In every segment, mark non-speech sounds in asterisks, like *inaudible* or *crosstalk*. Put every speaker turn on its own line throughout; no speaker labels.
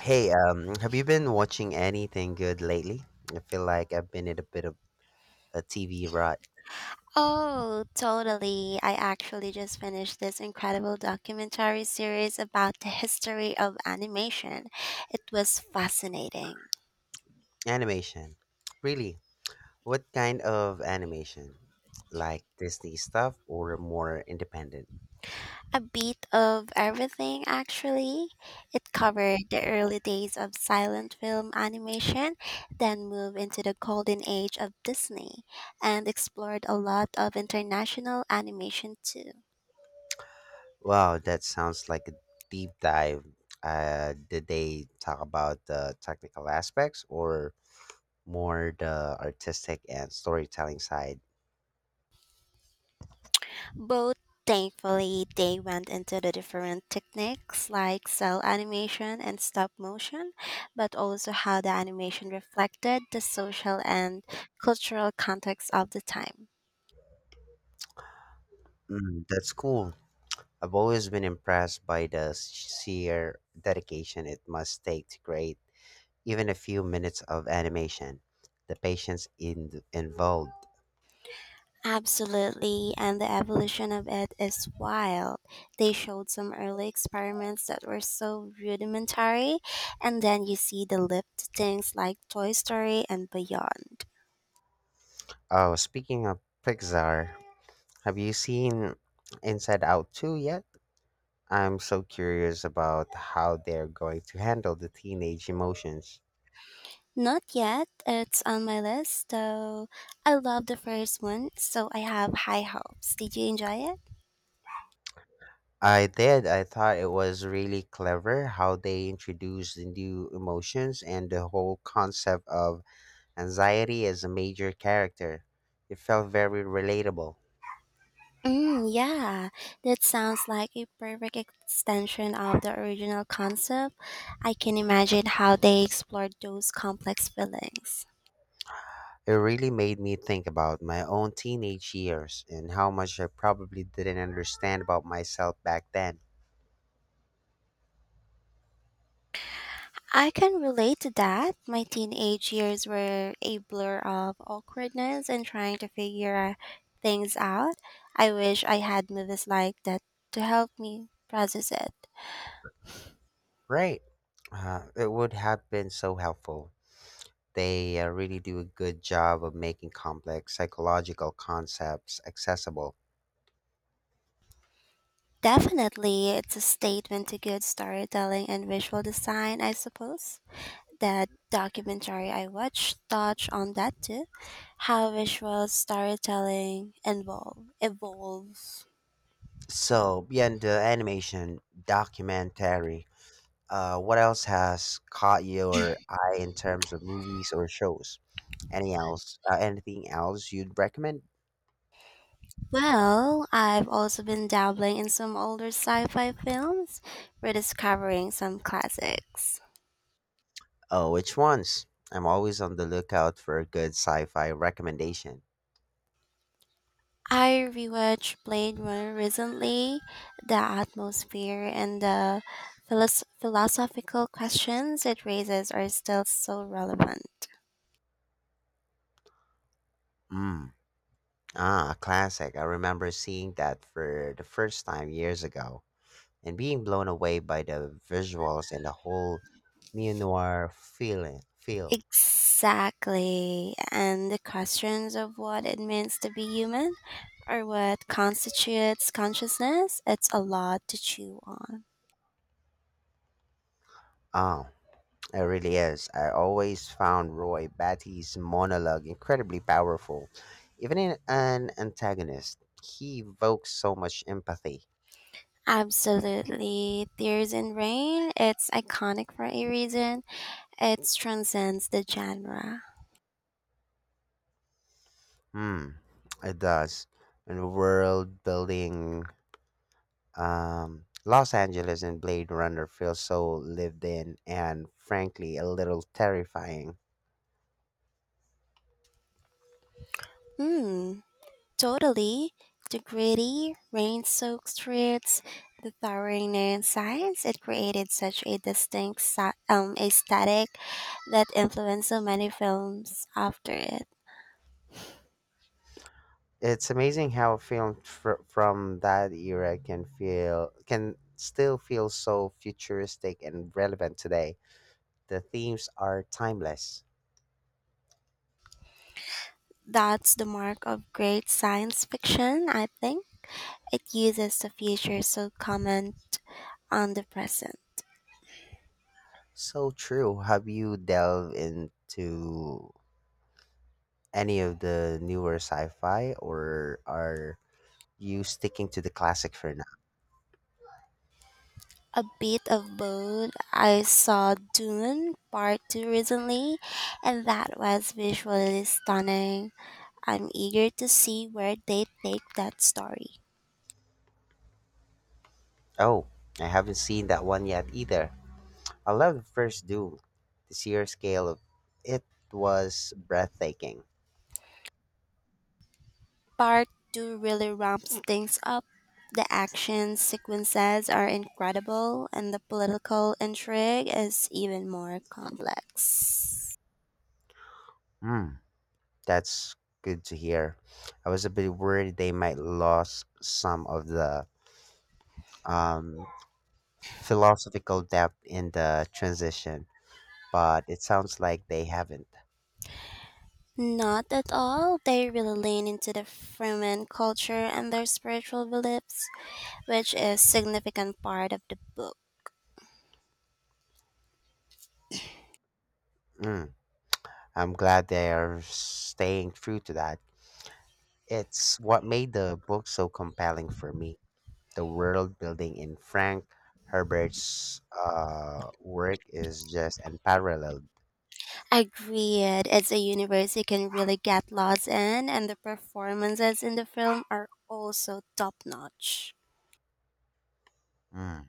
Hey, have you been watching anything good lately? I feel like I've been in a bit of a TV rut.
Oh, totally. I actually just finished this incredible documentary series about the history of animation. It was fascinating.
Animation. Really? What kind of animation? Like Disney stuff or more independent?
A bit of everything, actually. It covered the early days of silent film animation, then moved into the golden age of Disney, and explored a lot of international animation too.
Wow, that sounds like a deep dive. Did they talk about the technical aspects or more the artistic and storytelling side?
Both, thankfully, they went into the different techniques like cell animation and stop motion, but also how the animation reflected the social and cultural context of the time.
Mm, that's cool. I've always been impressed by the sheer dedication it must take to create even a few minutes of animation, the involved.
Absolutely, and the evolution of it is wild. They showed some early experiments that were so rudimentary, and then you see the leap to things like Toy Story and beyond.
Oh, speaking of Pixar, have you seen Inside Out 2 yet? I'm so curious about how they're going to handle the teenage emotions.
Not yet. It's on my list, though. I love the first one, so I have high hopes. Did you enjoy it?
I did. I thought it was really clever how they introduced the new emotions and the whole concept of Anxiety is a major character. It felt very relatable.
Mm, yeah, that sounds like a perfect extension of the original concept. I can imagine how they explored those complex feelings.
It really made me think about my own teenage years and how much I probably didn't understand about myself back then.
I can relate to that. My teenage years were a blur of awkwardness and trying to figure things out. I wish I had movies like that to help me process it.
Right. It would have been so helpful. They really do a good job of making complex psychological concepts accessible.
Definitely, it's a statement to good storytelling and visual design, I suppose. That documentary I watched touched on that too, how visual evolves.
So, beyond the animation documentary, what else has caught your eye in terms of movies or shows? Anything else you'd recommend?
Well, I've also been dabbling in some older sci-fi films, rediscovering some classics.
Oh, which ones? I'm always on the lookout for a good sci-fi recommendation.
I rewatched Blade Runner recently. The atmosphere and the philosophical questions it raises are still so relevant.
Mm. Ah, a classic. I remember seeing that for the first time years ago and being blown away by the visuals and the whole neo-noir feel.
Exactly. And the questions of what it means to be human or what constitutes consciousness, it's a lot to chew on.
Oh. It really is. I always found Roy Batty's monologue incredibly powerful. Even in an antagonist, he evokes so much empathy.
Absolutely. Tears in Rain, it's iconic for a reason. It transcends the genre.
Hmm, it does. And the world building, Los Angeles and Blade Runner feels so lived in and frankly a little terrifying.
Hmm. Totally. The gritty, rain soaked streets, the towering neon signs, it created such a distinct aesthetic that influenced so many films after it.
It's amazing how a film from that era can still feel so futuristic and relevant today. The themes are timeless.
That's the mark of great science fiction, I think. It uses the future to comment on the present.
So true. Have you delved into any of the newer sci fi or are you sticking to the classic for now?
A bit of both. I saw Dune Part 2 recently, and that was visually stunning. I'm eager to see where they take that story.
Oh, I haven't seen that one yet either. I love the first Doom. The sheer scale of it was breathtaking.
Part 2 really ramps things up. The action sequences are incredible, and the political intrigue is even more complex.
Hmm. That's good to hear. I was a bit worried they might lose some of the um, philosophical depth in the transition, but it sounds like they haven't.
Not at all. They really lean into the Fremen culture and their spiritual beliefs, which is significant part of the book.
Mm, I'm glad they're staying true to that. It's what made the book so compelling for me. The world building in Frank Herbert's work is just unparalleled.
Agreed. It's a universe you can really get lost in, and the performances in the film are also top notch.
Mm.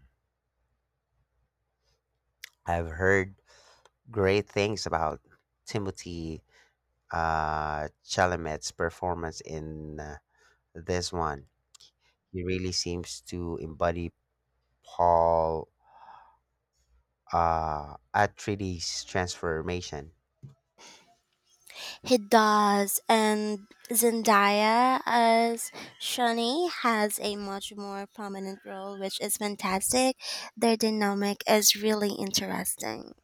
I've heard great things about Timothy Chalamet's performance in this one. He really seems to embody Paul Atreides' transformation.
He does, and Zendaya as Shani has a much more prominent role, which is fantastic. Their dynamic is really interesting.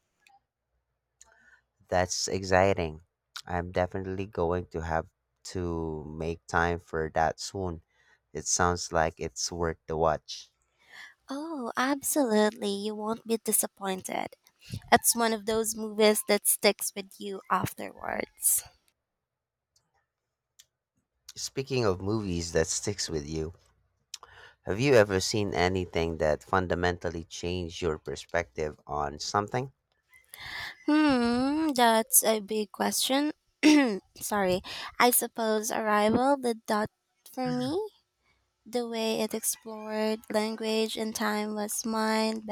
That's exciting. I'm definitely going to have to make time for that soon. It sounds like it's worth the watch.
Oh, absolutely. You won't be disappointed. It's one of those movies that sticks with you afterwards.
Speaking of movies that sticks with you, have you ever seen anything that fundamentally changed your perspective on something?
Hmm, that's a big question. *clears throat* Sorry. I suppose Arrival did that for me. The way it explored language and time was mind